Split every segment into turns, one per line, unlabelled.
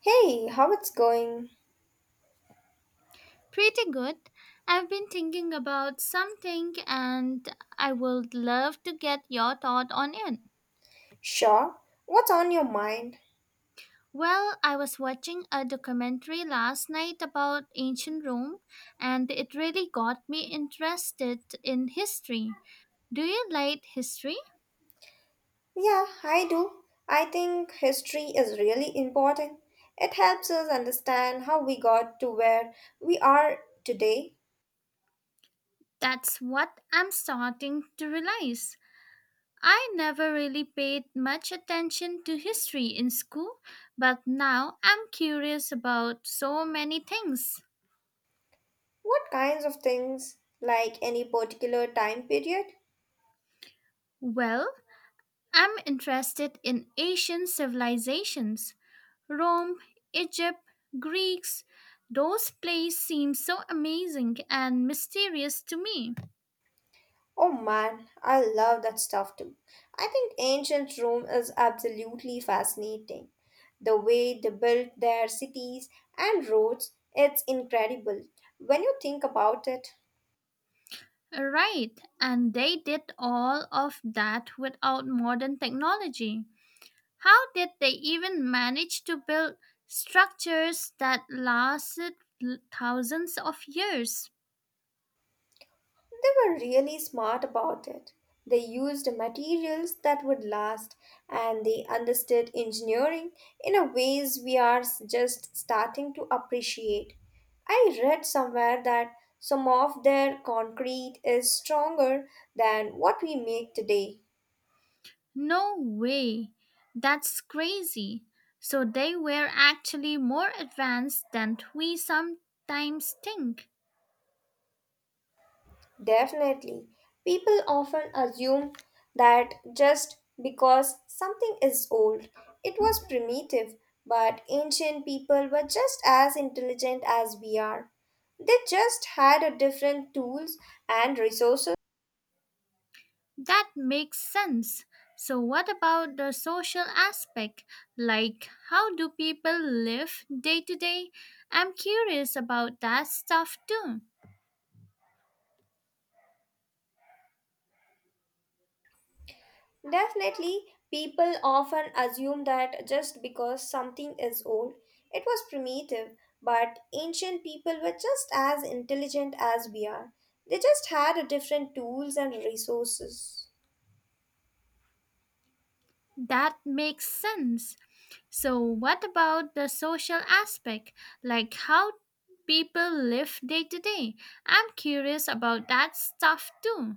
Hey, how it's going?
Pretty good. I've been thinking about something and I would love to get your thought on it.
Sure. What's on your mind?
Well, I was watching a documentary last night about ancient Rome and it really got me interested in history. Do you like history?
Yeah, I do. I think history is really important. It helps us understand how we got to where we are today.
That's what I'm starting to realize. I never really paid much attention to history in school, but now I'm curious about so many things.
What kinds of things, like any particular time period?
Well, I'm interested in Asian civilizations, Rome, Egypt, Greeks. Those places seem so amazing and mysterious to me.
Oh man, I love that stuff too. I think ancient Rome is absolutely fascinating. The way they built their cities and roads, it's incredible when you think about it.
Right, and they did all of that without modern technology. How did they even manage to build structures that lasted thousands of years?
They were really smart about it. They used materials that would last and they understood engineering in a ways we are just starting to appreciate. I read somewhere that some of their concrete is stronger than what we make today.
No way! That's crazy! So they were actually more advanced than we sometimes think.
Definitely. People often assume that just because something is old, it was primitive, but ancient people were just as intelligent as we are. They just had a different tools and resources.
That makes sense. So, what about the social aspect? Like, how do people live day to day? I'm curious about that stuff too.
Definitely, people often assume that just because something is old, it was primitive, but ancient people were just as intelligent as we are. They just had a different tools and resources.
That makes sense. So, what about the social aspect, like how people live day to day? I'm curious about that stuff too.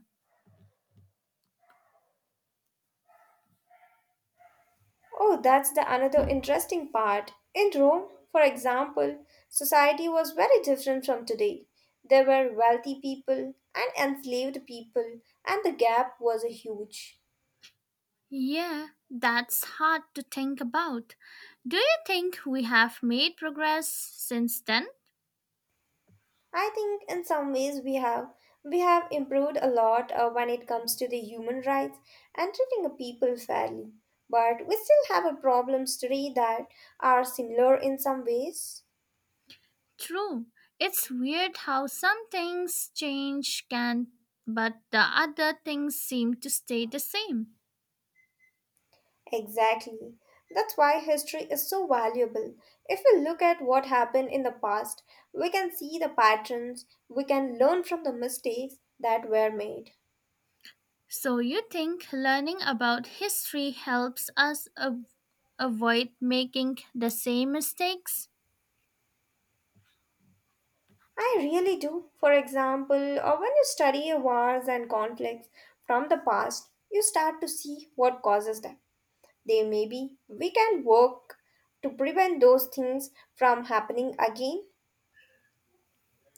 Oh, that's the another interesting part. In Rome, for example, society was very different from today. There were wealthy people and enslaved people, and the gap was huge.
Yeah, that's hard to think about. Do you think we have made progress since then?
I think in some ways we have improved a lot when it comes to the human rights and treating the people fairly. But we still have a problems today that are similar in some ways.
True. It's weird how some things change can but the other things seem to stay the same.
Exactly. That's why history is so valuable. If we look at what happened in the past, we can see the patterns, we can learn from the mistakes that were made.
So you think learning about history helps us avoid making the same mistakes?
I really do. For example, or when you study wars and conflicts from the past, you start to see what causes them. They may be we can work to prevent those things from happening again.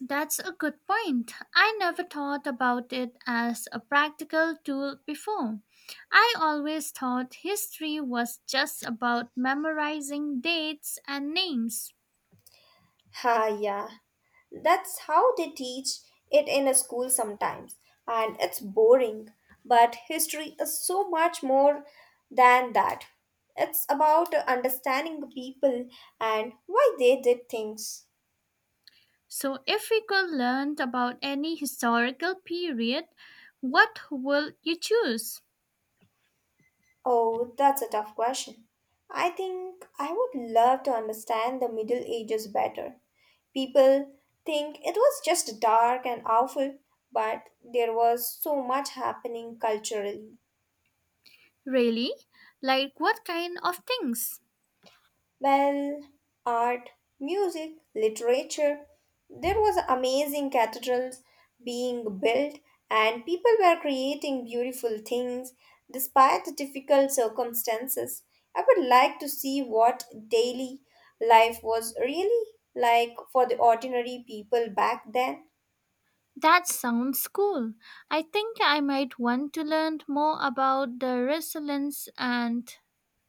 That's a good point. I never thought about it as a practical tool before. I always thought history was just about memorizing dates and names.
Ha yeah. That's how they teach it in a school sometimes, and it's boring. But history is so much more than that. It's about understanding the people and why they did things.
So, if we could learn about any historical period, what would you choose?
Oh, that's a tough question. I think I would love to understand the Middle Ages better. People think it was just dark and awful, but there was so much happening culturally.
Really? Like what kind of things?
Well, art, music, literature. There was amazing cathedrals being built and people were creating beautiful things despite the difficult circumstances. I would like to see what daily life was really like for the ordinary people back then.
That sounds cool. I think I might want to learn more about the resilience and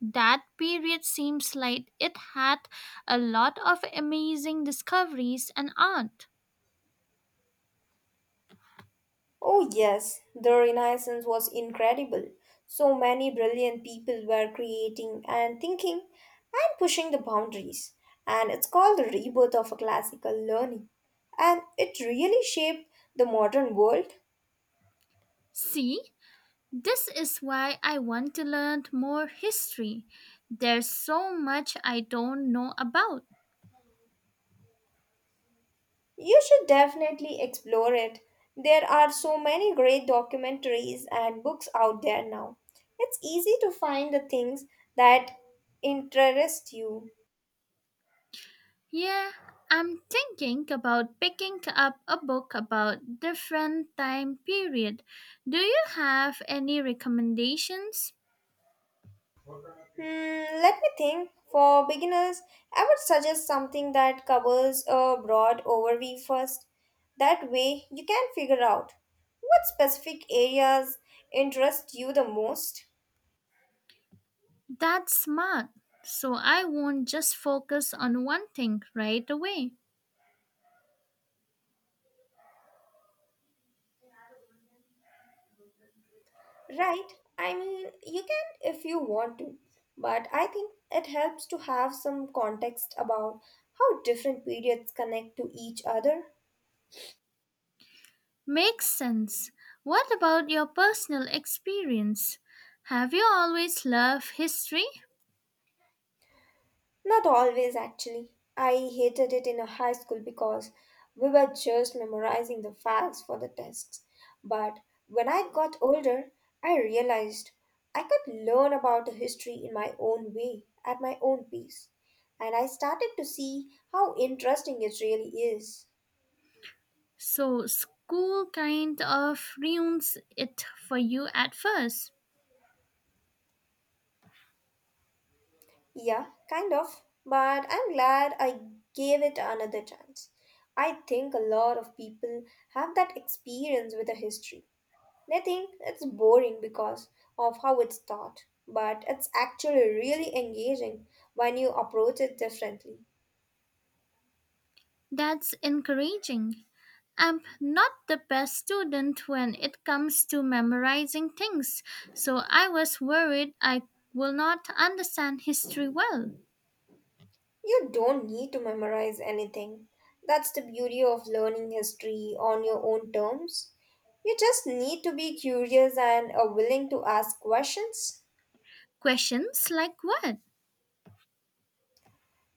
that period seems like it had a lot of amazing discoveries and art.
Oh, yes, the Renaissance was incredible. So many brilliant people were creating and thinking and pushing the boundaries. And it's called the rebirth of a classical learning. And it really shaped the modern world.
See, this is why I want to learn more history. There's so much I don't know about.
You should definitely explore it. There are so many great documentaries and books out there now. It's easy to find the things that interest you.
Yeah, I'm thinking about picking up a book about different time period. Do you have any recommendations?
Hmm, let me think. For beginners, I would suggest something that covers a broad overview first. That way, you can figure out what specific areas interest you the most.
That's smart. So I won't just focus on one thing right away.
Right? I mean, you can if you want to, but I think it helps to have some context about how different periods connect to each other.
Makes sense. What about your personal experience? Have you always loved history?
Not always, actually. I hated it in a high school because we were just memorizing the facts for the tests. But when I got older, I realized I could learn about the history in my own way, at my own pace. And I started to see how interesting it really is.
So school kind of ruins it for you at first.
Yeah, kind of. But I'm glad I gave it another chance. I think a lot of people have that experience with the history. They think it's boring because of how it's taught, but it's actually really engaging when you approach it differently.
That's encouraging. I'm not the best student when it comes to memorizing things, so I was worried I will not understand history well.
You don't need to memorize anything. That's the beauty of learning history on your own terms. You just need to be curious and are willing to ask questions
Questions like what?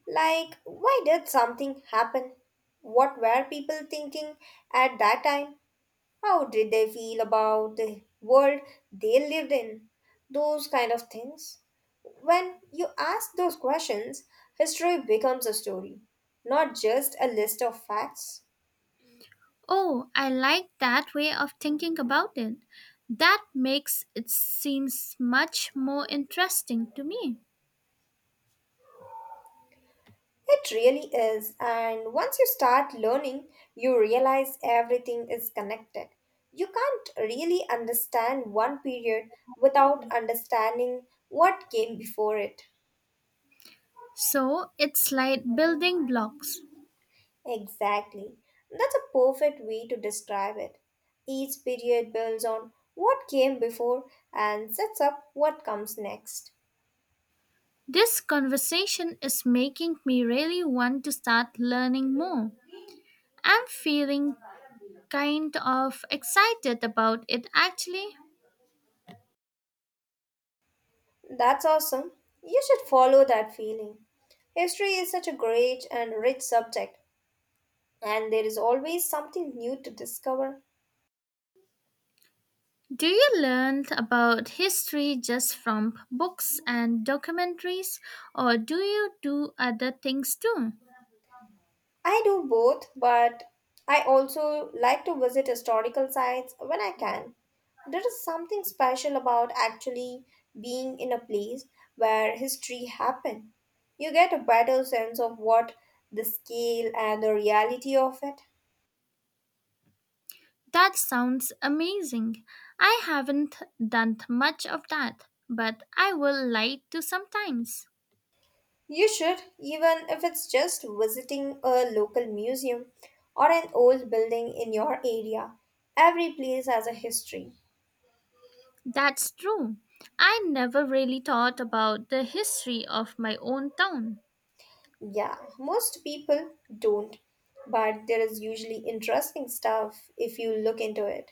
like why did something happen? What were people thinking at that time? How did they feel about the world they lived in? Those kind of things. When you ask those questions, history becomes a story, not just a list of facts.
Oh, I like that way of thinking about it. That makes it seems much more interesting to me.
It really is, and once you start learning, you realize everything is connected. You can't really understand one period without understanding what came before it.
So, it's like building blocks.
Exactly. That's a perfect way to describe it. Each period builds on what came before and sets up what comes next.
This conversation is making me really want to start learning more. I'm feeling kind of excited about it actually.
That's awesome. You should follow that feeling. History is such a great and rich subject, and there is always something new to discover.
Do you learn about history just from books and documentaries, or do you do other things too?
I do both, but I also like to visit historical sites when I can. There is something special about actually being in a place where history happened. You get a better sense of what the scale and the reality of it.
That sounds amazing. I haven't done much of that, but I will like to sometimes.
You should, even if it's just visiting a local museum or an old building in your area. Every place has a history.
That's true. I never really thought about the history of my own town.
Yeah, most people don't, but there is usually interesting stuff if you look into it.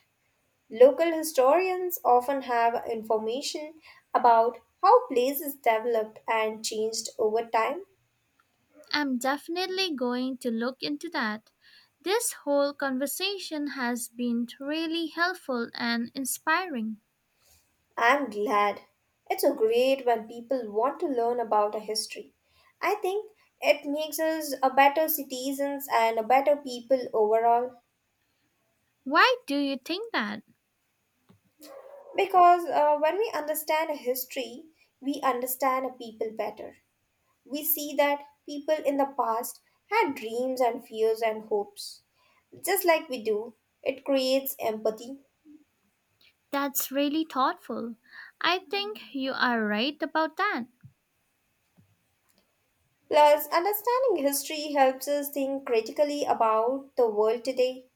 Local historians often have information about how places developed and changed over time.
I'm definitely going to look into that. This whole conversation has been really helpful and inspiring.
I'm glad. It's so great when people want to learn about a history. I think it makes us a better citizens and a better people overall.
Why do you think that?
Because when we understand a history, we understand a people better. We see that people in the past had dreams and fears and hopes. Just like we do, it creates empathy.
That's really thoughtful. I think you are right about that.
Plus, understanding history helps us think critically about the world today.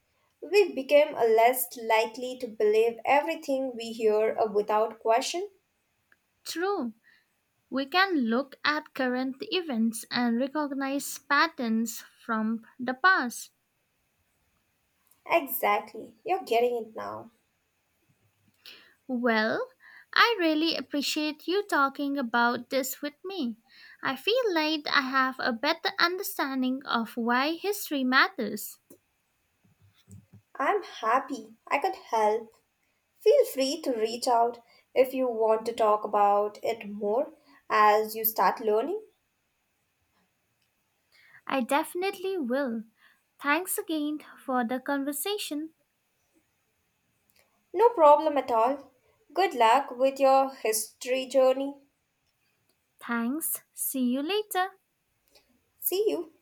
We become less likely to believe everything we hear without question.
True. We can look at current events and recognize patterns from the past.
Exactly, you're getting it now.
Well, I really appreciate you talking about this with me. I feel like I have a better understanding of why history matters.
I'm happy I could help. Feel free to reach out if you want to talk about it more as you start learning.
I definitely will. Thanks again for the conversation.
No problem at all. Good luck with your history journey.
Thanks. See you later.
See you.